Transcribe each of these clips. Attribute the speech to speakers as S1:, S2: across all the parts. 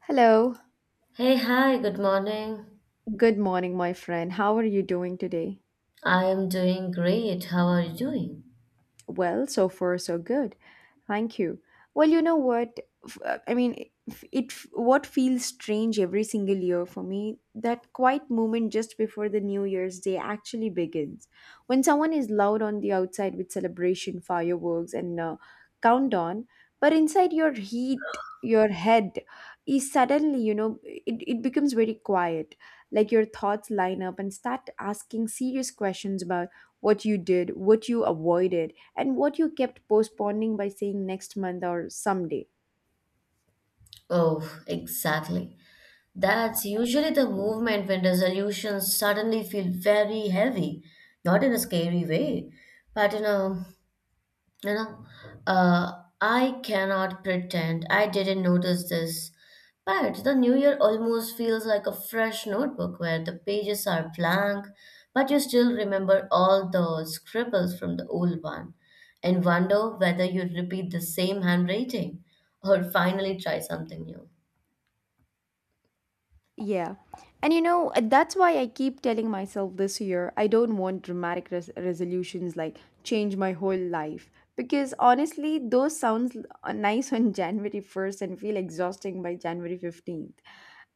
S1: Hello,
S2: Hey, hi, good morning.
S1: good morning, my friend. How are you doing today?
S2: I am doing great. How are you doing?
S1: Well, so far so good. Thank you. Well, you know what? F- I mean, if it What feels strange every single year for me, that quiet moment just before the New Year's Day actually begins. When someone is loud on the outside with celebration, fireworks, and countdown, but inside your heat, your head is suddenly, you know, it becomes very quiet. Like your thoughts line up and start asking serious questions about what you did, what you avoided and what you kept postponing by saying next month or someday.
S2: Oh, exactly. That's usually the movement when resolutions suddenly feel very heavy. Not in a scary way, but in a You know, I cannot pretend I didn't notice this, but the new year almost feels like a fresh notebook where the pages are blank, but you still remember all the scribbles from the old one and wonder whether you repeat the same handwriting or finally try something new.
S1: Yeah. And you know, that's why I keep telling myself this year I don't want dramatic resolutions like change my whole life. Because honestly, those sounds nice on January 1st and feel exhausting by January 15th.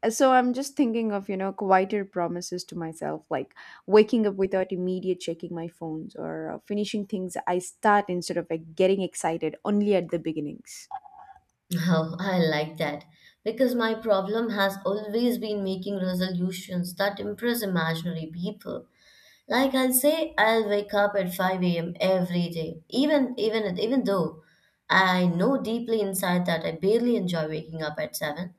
S1: So I'm just thinking of, you know, quieter promises to myself like waking up without immediate checking my phones or finishing things I start instead of like, getting excited only at the beginnings.
S2: Oh, I like that because my problem has always been making resolutions that impress imaginary people. Like I'll say I'll wake up at 5 a.m. every day, even though I know deeply inside that I barely enjoy waking up at 7.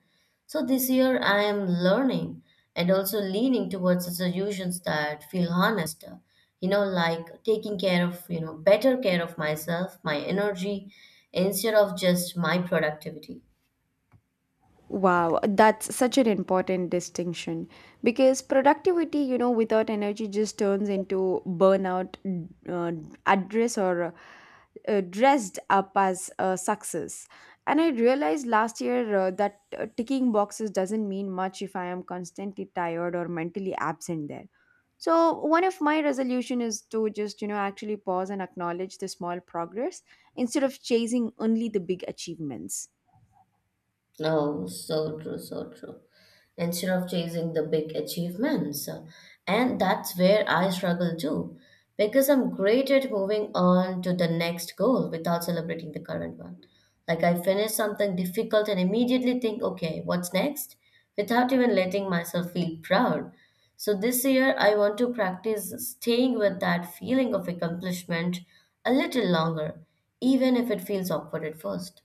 S2: So this year I am learning and also leaning towards the solutions that feel honest. Like taking care of, you know, better care of myself, my energy, instead of just my productivity.
S1: Wow, that's such an important distinction because productivity, you know, without energy just turns into burnout, uh, address or dressed up as success. And I realized last year that ticking boxes doesn't mean much if I am constantly tired or mentally absent there. So one of my resolution is to just, you know, actually pause and acknowledge the small progress instead of chasing only the big achievements.
S2: Oh, so true, so true. Instead of chasing the big achievements. And that's where I struggle too, because I'm great at moving on to the next goal without celebrating the current one. Like I finish something difficult and immediately think, okay, what's next? Without even letting myself feel proud. So this year, I want to practice staying with that feeling of accomplishment a little longer, even if it feels awkward at first.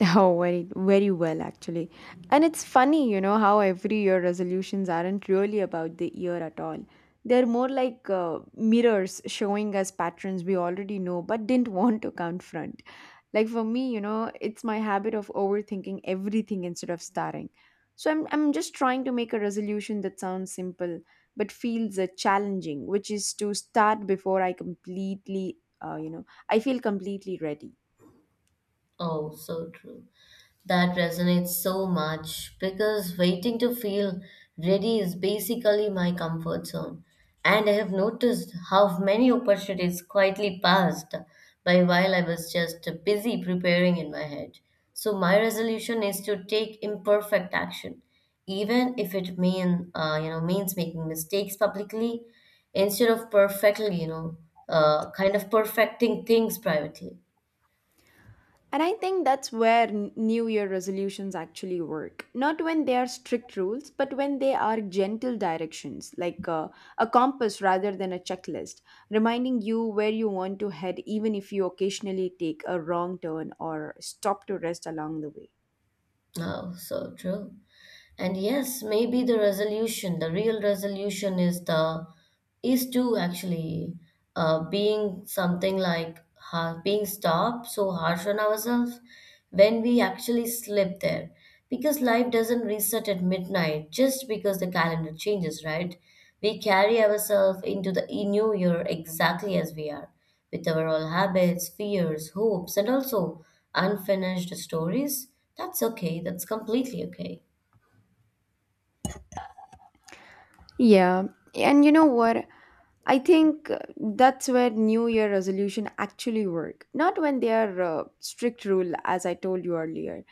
S1: Oh, very, very well, actually. And it's funny, you know, how every year resolutions aren't really about the year at all. They're more like mirrors showing us patterns we already know but didn't want to confront. Like for me, you know, it's my habit of overthinking everything instead of starting. So I'm just trying to make a resolution that sounds simple but feels challenging, which is to start before I completely, you know, I feel completely ready.
S2: Oh, so true. That resonates so much because waiting to feel ready is basically my comfort zone. And I have noticed how many opportunities quietly passed by while I was just busy preparing in my head. So my resolution is to take imperfect action, even if it means making mistakes publicly, instead of perfectly you know kind of perfecting things privately.
S1: And I think that's where New Year resolutions actually work. Not when they are strict rules, but when they are gentle directions, like a compass rather than a checklist, reminding you where you want to head, even if you occasionally take a wrong turn or stop to rest along the way.
S2: Oh, so true. And yes, maybe the real resolution is the is to actually being something like ha being stopped so harsh on ourselves when we actually slip there. Because life doesn't reset at midnight just because the calendar changes, right? We carry ourselves into the new year exactly as we are, with our all habits, fears, hopes, and also unfinished stories. That's okay. That's completely okay.
S1: Yeah, and you know what? I think that's where New Year resolution actually work, not when they are strict rule, as I told you earlier.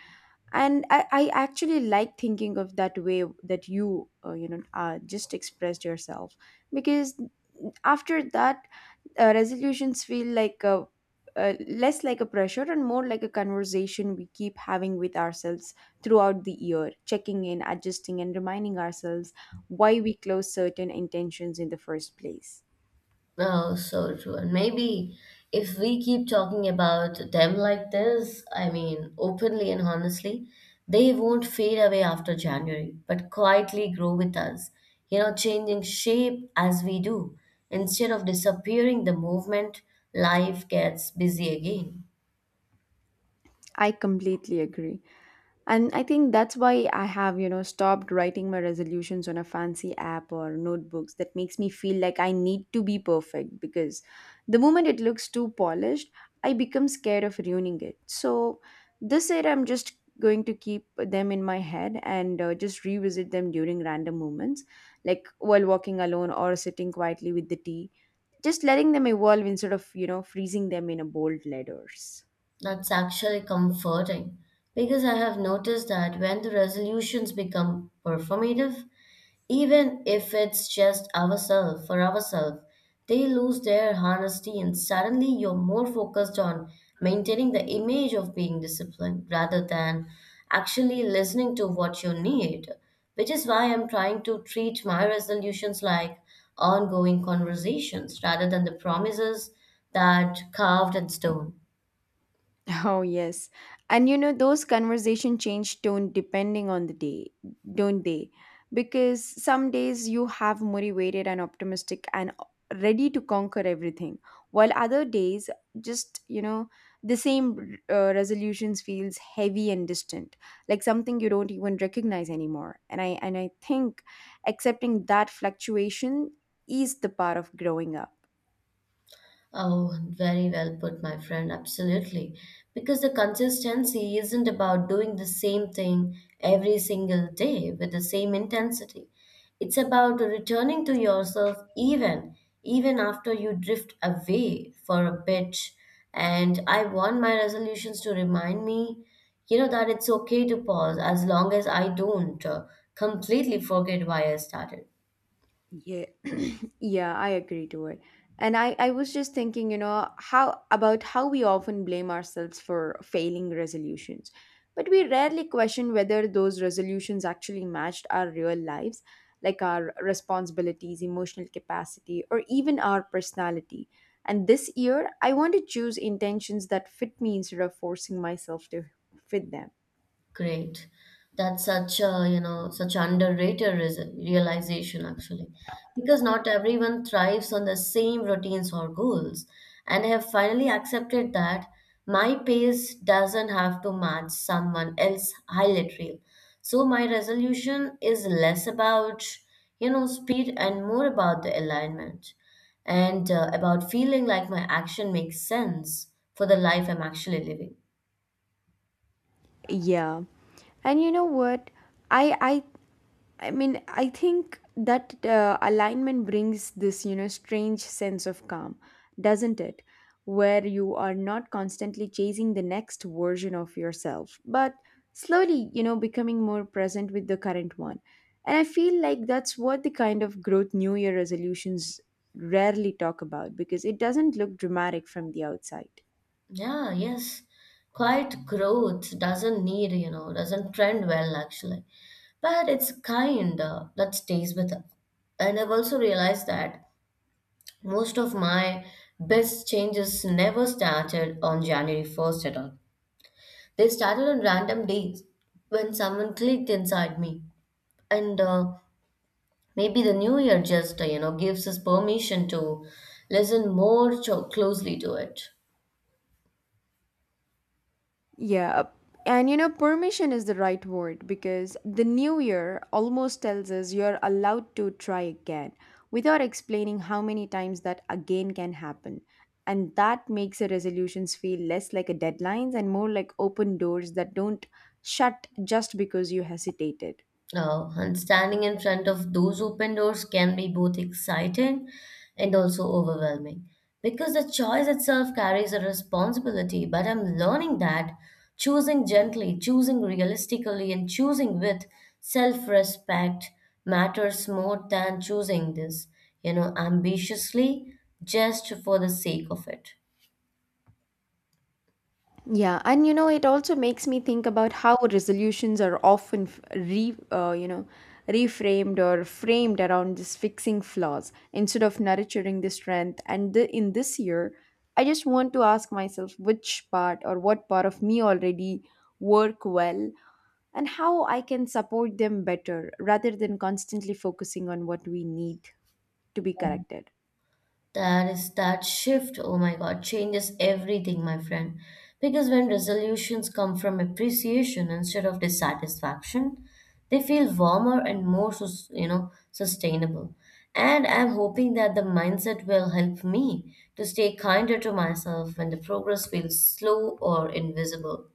S1: And I actually like thinking of that way that you, you know, just expressed yourself because after that, resolutions feel like less like a pressure and more like a conversation we keep having with ourselves throughout the year, checking in, adjusting, and reminding ourselves why we close certain intentions in the first place.
S2: Oh, so true. And maybe if we keep talking about them like this, I mean, openly and honestly, they won't fade away after January, but quietly grow with us, you know, changing shape as we do. Instead of disappearing the movement, life gets busy again.
S1: I completely agree. And I think that's why I have, you know, stopped writing my resolutions on a fancy app or notebooks that makes me feel like I need to be perfect because the moment it looks too polished, I become scared of ruining it. So this year I'm just going to keep them in my head and just revisit them during random moments, like while walking alone or sitting quietly with the tea, just letting them evolve instead of, you know, freezing them in a bold letters.
S2: That's actually comforting because I have noticed that when the resolutions become performative, even if it's just ourselves for ourselves, they lose their honesty and suddenly you're more focused on maintaining the image of being disciplined rather than actually listening to what you need, which is why I'm trying to treat my resolutions like ongoing conversations rather than the promises that carved in stone.
S1: Oh, yes. And you know, those conversation change tone depending on the day, don't they? Because some days you have motivated and optimistic and ready to conquer everything, while other days, just, you know, the same resolutions feels heavy and distant, like something you don't even recognize anymore. And I think accepting that fluctuation is the part of growing up.
S2: Oh, very well put, my friend. Absolutely. Because the consistency isn't about doing the same thing every single day with the same intensity. It's about returning to yourself even after you drift away for a bit. And I want my resolutions to remind me, you know, that it's okay to pause as long as I don't completely forget why I started.
S1: Yeah, yeah, I agree to it. And I was just thinking, you know, how about how we often blame ourselves for failing resolutions, but we rarely question whether those resolutions actually matched our real lives, like our responsibilities, emotional capacity, or even our personality. And this year, I want to choose intentions that fit me instead of forcing myself to fit them.
S2: Great. That's such a, you know, such underrated realization actually. Because not everyone thrives on the same routines or goals. And I have finally accepted that my pace doesn't have to match someone else's highlight reel. So my resolution is less about, you know, speed and more about the alignment and about feeling like my action makes sense for the life I'm actually living.
S1: Yeah. And you know what? I I I mean, I think that alignment brings this, you know, strange sense of calm, doesn't it? Where you are not constantly chasing the next version of yourself, but slowly, you know, becoming more present with the current one. And I feel like that's what the kind of growth New Year resolutions rarely talk about because it doesn't look dramatic from the outside.
S2: Yeah, yes. Quiet growth doesn't need, you know, doesn't trend well actually. But it's kind that stays with us. And I've also realized that most of my best changes never started on January 1st at all. They started on random days when someone clicked inside me. And Maybe the new year just, you know, gives us permission to listen more closely to it.
S1: Yeah. And you know, permission is the right word because the new year almost tells us you're allowed to try again without explaining how many times that again can happen. And that makes the resolutions feel less like a deadlines and more like open doors that don't shut just because you hesitated.
S2: And standing in front of those open doors can be both exciting and also overwhelming because the choice itself carries a responsibility. But I'm learning that choosing gently, choosing realistically, and choosing with self respect matters more than choosing this, you know, ambitiously just for the sake of it.
S1: Yeah, and you know, it also makes me think about how resolutions are often you know, reframed or framed around just fixing flaws instead of nurturing the strength. And the, in this year, I just want to ask myself which part or what part of me already work well and how I can support them better rather than constantly focusing on what we need to be corrected.
S2: That shift, oh my God, changes everything, my friend. Because when resolutions come from appreciation instead of dissatisfaction, they feel warmer and more, you know, sustainable. And I'm hoping that the mindset will help me to stay kinder to myself when the progress feels slow or invisible.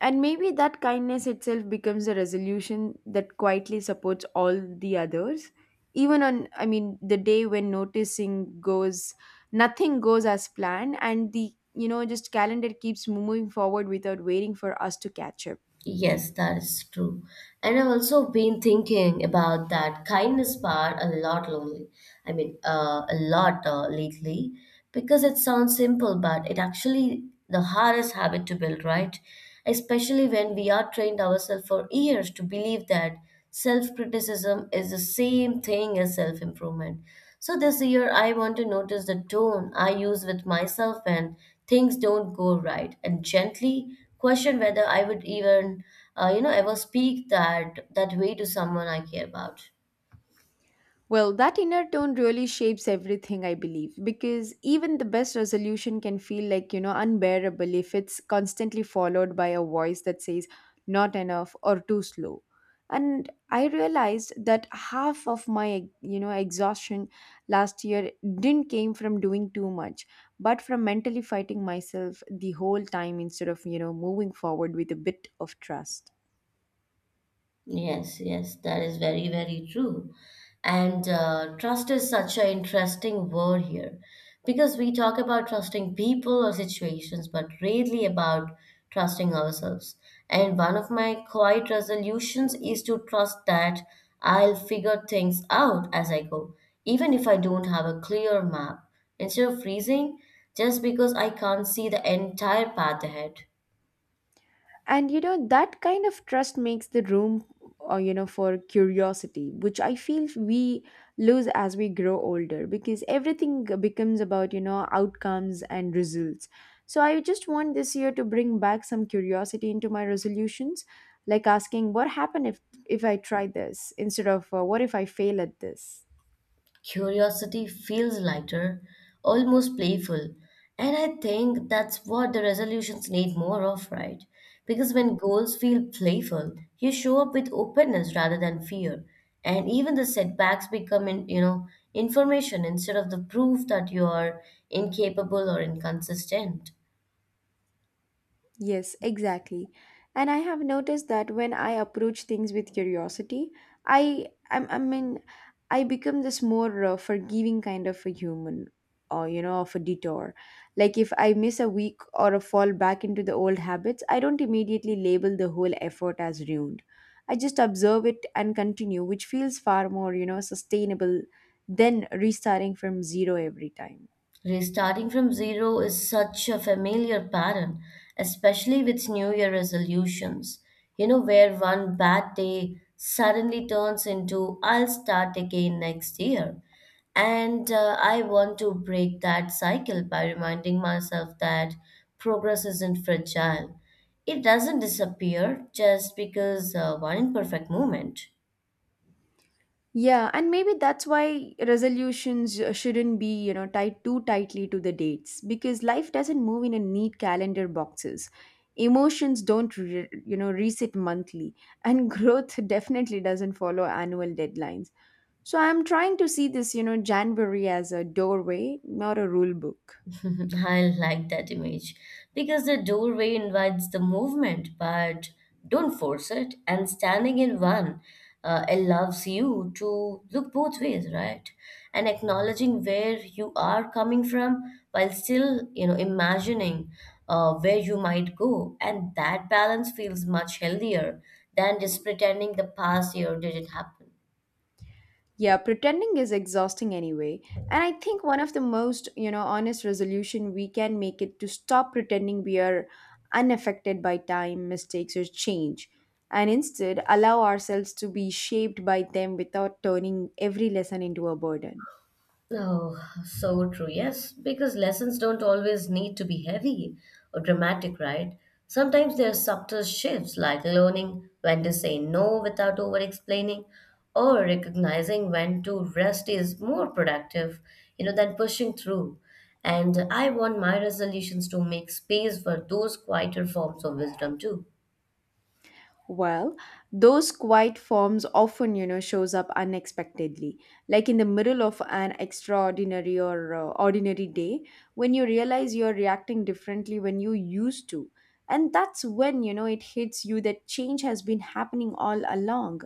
S1: And maybe that kindness itself becomes a resolution that quietly supports all the others. Even on, I mean, the day when noticing goes, nothing goes as planned, and the, you know, just calendar keeps moving forward without waiting for us to catch up.
S2: Yes, that is true. And I've also been thinking about that kindness part a lot lonely. I mean, a lot lately because it sounds simple, but it actually the hardest habit to build, right? Especially when we are trained ourselves for years to believe that self-criticism is the same thing as self-improvement. So this year, I want to notice the tone I use with myself when things don't go right, and gently question whether I would even, you know, ever speak that way to someone I care about.
S1: Well, that inner tone really shapes everything, I believe, because even the best resolution can feel like, you know, unbearable if it's constantly followed by a voice that says, not enough or too slow. And I realized that half of my, you know, exhaustion last year didn't came from doing too much, but from mentally fighting myself the whole time instead of, you know, moving forward with a bit of trust.
S2: Yes, yes, that is very, very true. And Trust is such an interesting word here because we talk about trusting people or situations, but rarely about trusting ourselves. And one of my quiet resolutions is to trust that I'll figure things out as I go, even if I don't have a clear map. Instead of freezing, just because I can't see the entire path ahead.
S1: And you know that kind of trust makes the room you know for curiosity which I feel we lose as we grow older because everything becomes about you know outcomes and results so I just want this year to bring back some curiosity into my resolutions like asking what happened if I try this instead of what if I fail at this.
S2: Curiosity feels lighter, almost playful. And I think that's what the resolutions need more of, right? Because when goals feel playful, you show up with openness rather than fear. And even the setbacks become, you know, information instead of the proof that you are incapable or inconsistent.
S1: Yes, exactly. And I have noticed that when I approach things with curiosity, I I'm- I mean I become this more forgiving kind of a human or you know of a detour. Like if I miss a week or a fall back into the old habits, I don't immediately label the whole effort as ruined. I just observe it and continue, which feels far more, you know, sustainable than restarting from zero every time.
S2: Restarting from zero is such a familiar pattern, especially with New Year resolutions. You know, where one bad day suddenly turns into I'll start again next year. And I want to break that cycle by reminding myself that progress isn't fragile. It doesn't disappear just because one imperfect moment.
S1: Yeah, and maybe that's why resolutions shouldn't be, you know, tied too tightly to the dates because life doesn't move in a neat calendar boxes. Emotions don't, you know, reset monthly, and growth definitely doesn't follow annual deadlines. So I'm trying to see this, you know, January as a doorway, not a rule book.
S2: I like that image because the doorway invites the movement, but don't force it. And standing in one allows you to look both ways, right? And acknowledging where you are coming from while still, you know, imagining where you might go. And that balance feels much healthier than just pretending the past year didn't happen.
S1: Yeah, pretending is exhausting anyway. And I think one of the most, you know, honest resolution we can make it to stop pretending we are unaffected by time, mistakes or change and instead allow ourselves to be shaped by them without turning every lesson into a burden.
S2: Oh, so true. Yes, because lessons don't always need to be heavy or dramatic, right? Sometimes there are subtle shifts like learning when to say no without over explaining or recognizing when to rest is more productive, you know, than pushing through. And I want my resolutions to make space for those quieter forms of wisdom too.
S1: Well, those quiet forms often, you know, shows up unexpectedly, like in the middle of an extraordinary or ordinary day, when you realize you're reacting differently when you used to. And that's when, you know, it hits you that change has been happening all along,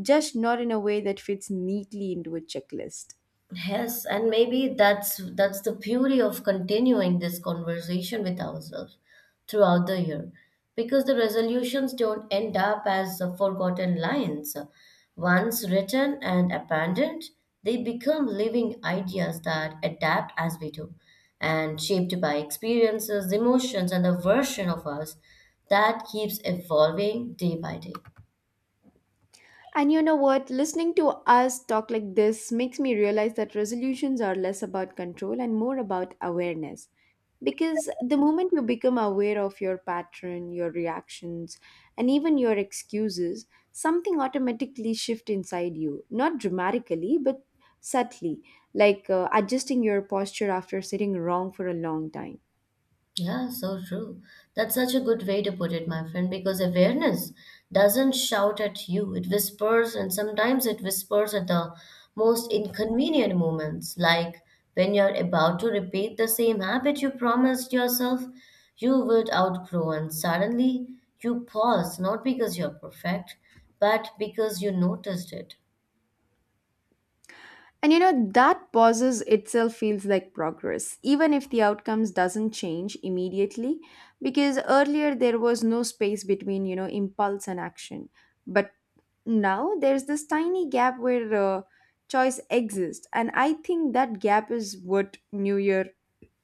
S1: just not in a way that fits neatly into a checklist.
S2: Yes, and maybe that's the beauty of continuing this conversation with ourselves throughout the year, because the resolutions don't end up as forgotten lines. Once written and abandoned, they become living ideas that adapt as we do, and shaped by experiences, emotions, and the version of us that keeps evolving day by day.
S1: And you know what? Listening to us talk like this makes me realize that resolutions are less about control and more about awareness. Because the moment you become aware of your pattern, your reactions, and even your excuses, something automatically shifts inside you. Not dramatically, but subtly, like adjusting your posture after sitting wrong for a long time.
S2: Yeah, so true. That's such a good way to put it, my friend, because awareness doesn't shout at you. It whispers, and sometimes it whispers at the most inconvenient moments, like when you're about to repeat the same habit you promised yourself you would outgrow, and suddenly you pause, not because you're perfect, but because you noticed it.
S1: And you know, that pauses itself feels like progress, even if the outcomes doesn't change immediately, because earlier there was no space between, you know, impulse and action. But now there's this tiny gap where choice exists. And I think that gap is what New Year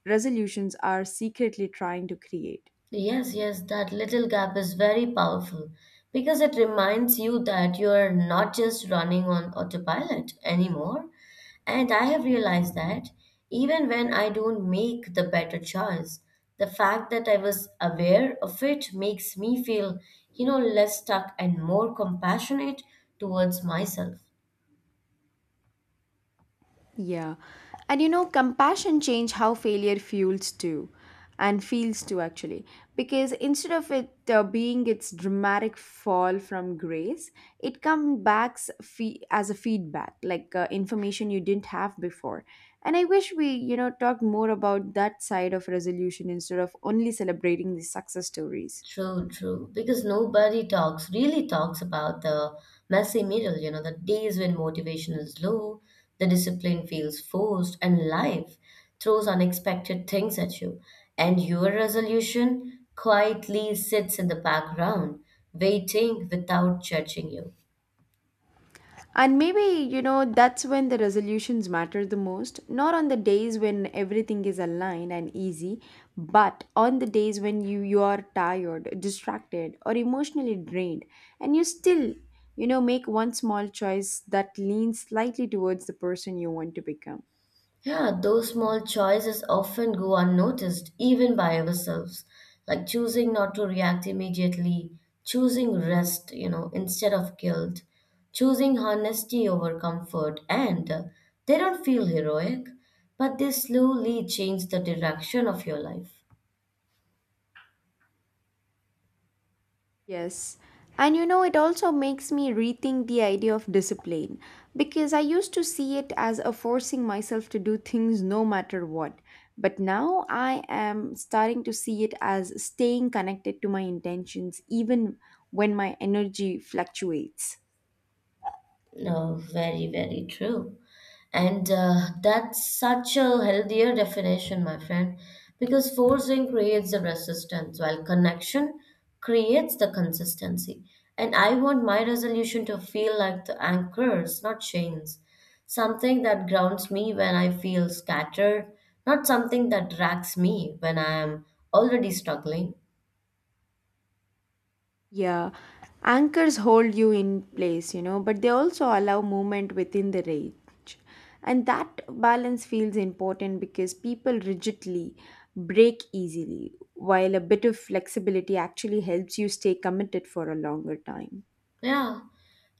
S1: resolutions are secretly trying to create.
S2: Yes, yes, that little gap is very powerful because it reminds you that you're not just running on autopilot anymore. And I have realized that even when I don't make the better choice, the fact that I was aware of it makes me feel, you know, less stuck and more compassionate towards myself.
S1: Yeah. And you know, compassion changed how failure fuels too and feels too actually because instead of it being its dramatic fall from grace it comes back as a feedback like information you didn't have before and I wish we you know talked more about that side of resolution instead of only celebrating the success stories.
S2: True, true. Because nobody talks, really talks about the messy middle, you know, the days when motivation is low, the discipline feels forced, and life throws unexpected things at you. And your resolution quietly sits in the background, waiting without judging you.
S1: And maybe, you know, that's when the resolutions matter the most. Not on the days when everything is aligned and easy, but on the days when you are tired, distracted, or emotionally drained, and you still, make one small choice that leans slightly towards the person you want to become.
S2: Yeah, those small choices often go unnoticed, even by ourselves, like choosing not to react immediately, choosing rest, you know, instead of guilt, choosing honesty over comfort, and they don't feel heroic, but they slowly change the direction of your life.
S1: Yes. And you know, it also makes me rethink the idea of discipline because I used to see it as a forcing myself to do things no matter what. But now I am starting to see it as staying connected to my intentions even when my energy fluctuates.
S2: No, very, very true. And That's such a healthier definition, my friend, because forcing creates the resistance while connection creates the consistency. And I want my resolution to feel like the anchors, not chains, something that grounds me when I feel scattered, not something that drags me when I am already struggling.
S1: Yeah, anchors hold you in place, you know, but they also allow movement within the range. And that balance feels important because people rigidly break easily, while a bit of flexibility actually helps you stay committed for a longer time.
S2: Yeah,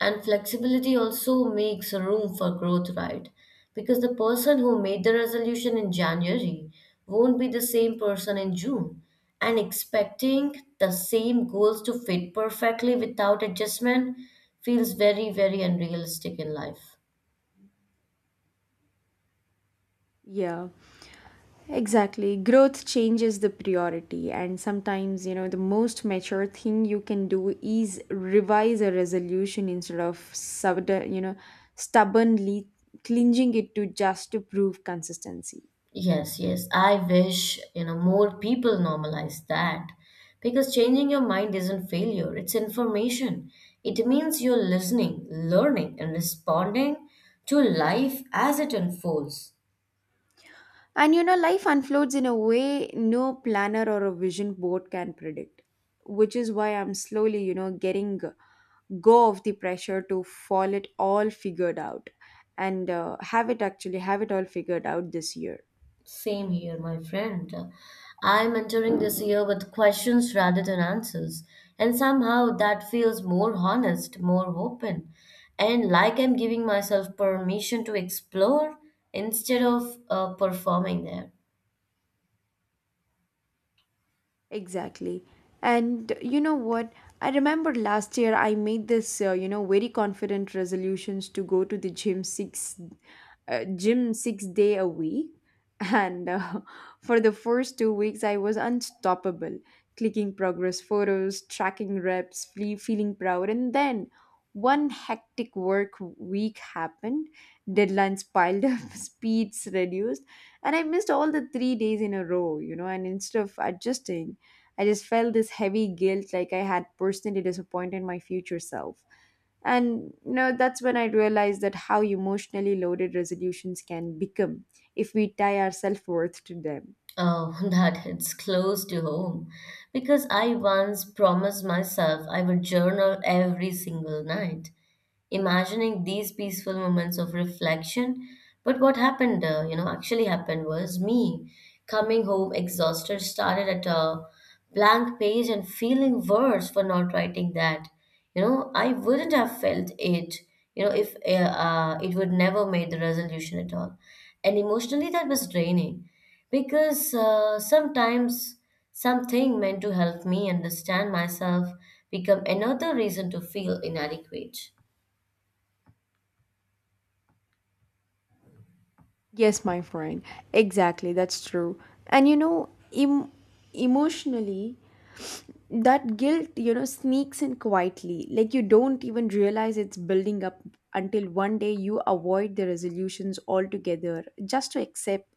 S2: and flexibility also makes room for growth, right? Because the person who made the resolution in January won't be the same person in June. And expecting the same goals to fit perfectly without adjustment feels very, very unrealistic in life.
S1: Yeah. Exactly. Growth changes the priority, and sometimes, you know, the most mature thing you can do is revise a resolution instead of sudden, you know, stubbornly clinging it to just to prove consistency.
S2: Yes, yes. I wish, you know, more people normalize that because changing your mind isn't failure, it's information. It means you're listening, learning, and responding to life as it unfolds.
S1: And you know, life unfolds in a way no planner or a vision board can predict, which is why I'm slowly, you know, getting go of the pressure to fall it all figured out and have it actually have it all figured out this year.
S2: Same here, my friend. I'm entering this year with questions rather than answers, and somehow that feels more honest, more open, and like I'm giving myself permission to explore instead of performing there.
S1: Exactly. And you know what? I remember last year I made this, very confident resolutions to go to the gym six day a week. And for the first 2 weeks, I was unstoppable, clicking progress photos, tracking reps, feeling proud. And then one hectic work week happened, deadlines piled up, speeds reduced, and I missed all the 3 days in a row, you know, and instead of adjusting, I just felt this heavy guilt, like I had personally disappointed my future self. And you know, that's when I realized that how emotionally loaded resolutions can become if we tie our self worth to them.
S2: Oh, that hits close to home. Because I once promised myself I would journal every single night imagining these peaceful moments of reflection. But what actually happened was me coming home exhausted, started at a blank page and feeling worse for not writing that. You know, I wouldn't have felt it, you know, if it would never made the resolution at all. And emotionally, that was draining because sometimes something meant to help me understand myself become another reason to feel inadequate.
S1: Yes, my friend. Exactly, that's true. And you know, em- emotionally, that guilt you know sneaks in quietly like you don't even realize it's building up until one day you avoid the resolutions altogether just to accept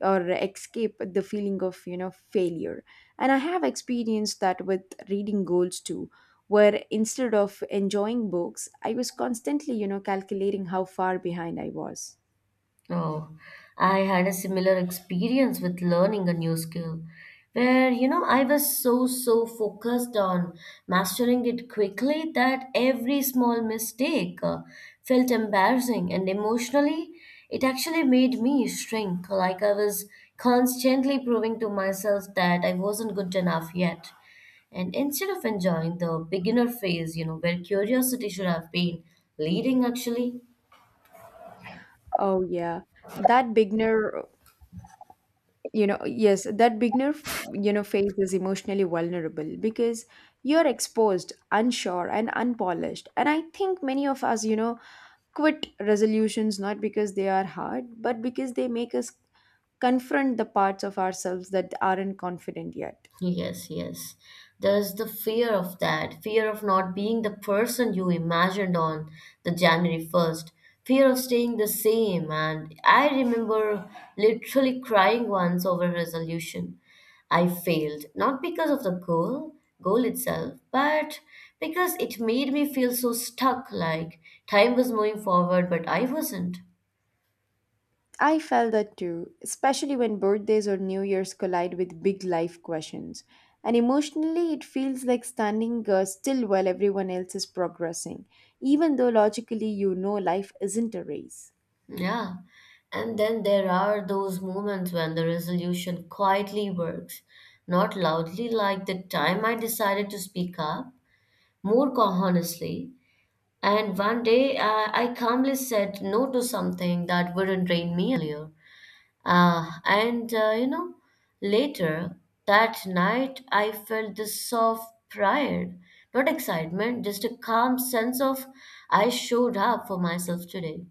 S1: or escape the feeling of you know failure and I have experienced that with reading goals too where instead of enjoying books I was constantly you know calculating how far behind I was
S2: Oh, I had a similar experience with learning a new skill where, you know, I was so, so focused on mastering it quickly that every small mistake felt embarrassing and emotionally it actually made me shrink. Like I was constantly proving to myself that I wasn't good enough yet. And instead of enjoying the beginner phase, you know, where curiosity should have been leading actually,
S1: oh yeah that beginner you know yes that beginner you know phase is emotionally vulnerable because you're exposed unsure and unpolished and I think many of us you know quit resolutions not because they are hard but because they make us confront the parts of ourselves that aren't confident yet.
S2: Yes, yes. There's the fear of that, fear of not being the person you imagined on the January 1st, fear of staying the same. And I remember literally crying once over resolution. I failed, not because of goal itself, but because it made me feel so stuck, like time was moving forward, but I wasn't.
S1: I felt that too, especially when birthdays or New Year's collide with big life questions. And emotionally, it feels like standing still while everyone else is progressing, even though logically you know life isn't a race.
S2: Yeah. And then there are those moments when the resolution quietly works, not loudly, like the time I decided to speak up, more honestly. And one day I calmly said no to something that wouldn't drain me earlier. You know, later that night I felt this soft pride, not excitement, just a calm sense of I showed up for myself today.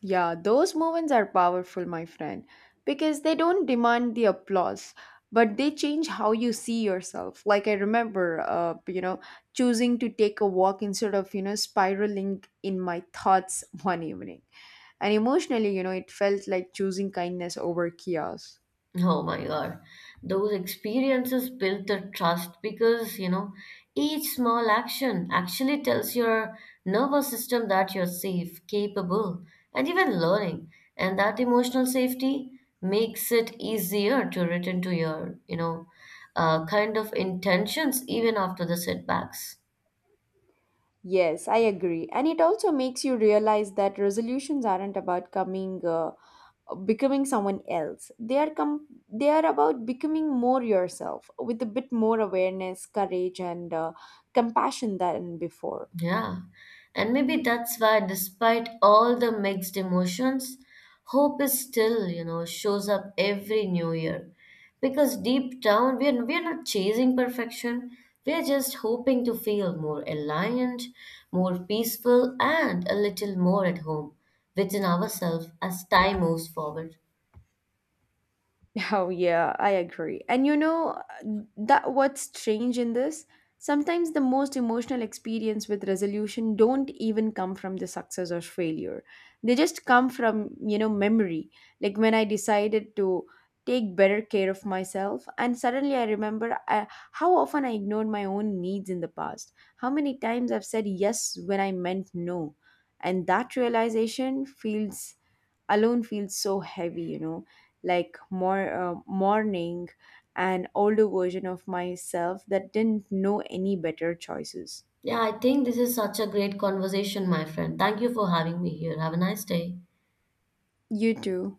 S1: Yeah, those moments are powerful, my friend, because they don't demand the applause, but they change how you see yourself. Like I remember, choosing to take a walk instead of, you know, spiraling in my thoughts one evening. And emotionally, you know, it felt like choosing kindness over chaos.
S2: Oh my God. Those experiences build the trust because, you know, each small action actually tells your nervous system that you're safe, capable, and even learning. And that emotional safety makes it easier to return to your, you know, kind of intentions even after the setbacks.
S1: Yes, I agree. And it also makes you realize that resolutions aren't about coming becoming someone else. They are about becoming more yourself with a bit more awareness, courage and compassion than before.
S2: Yeah. And maybe that's why, despite all the mixed emotions, hope is still, you know, shows up every new year. Because deep down, we're not chasing perfection. We're just hoping to feel more aligned, more peaceful, and a little more at home within ourselves as time moves forward.
S1: Oh yeah, I agree. And you know that what's strange in this? Sometimes the most emotional experience with resolution don't even come from the success or failure. They just come from, you know, memory. Like when I decided to take better care of myself and suddenly how often I ignored my own needs in the past. How many times I've said yes when I meant no. And that realization feels alone feels so heavy, you know, like more mourning an older version of myself that didn't know any better choices.
S2: Yeah, I think this is such a great conversation, my friend. Thank you for having me here. Have a nice day.
S1: You too.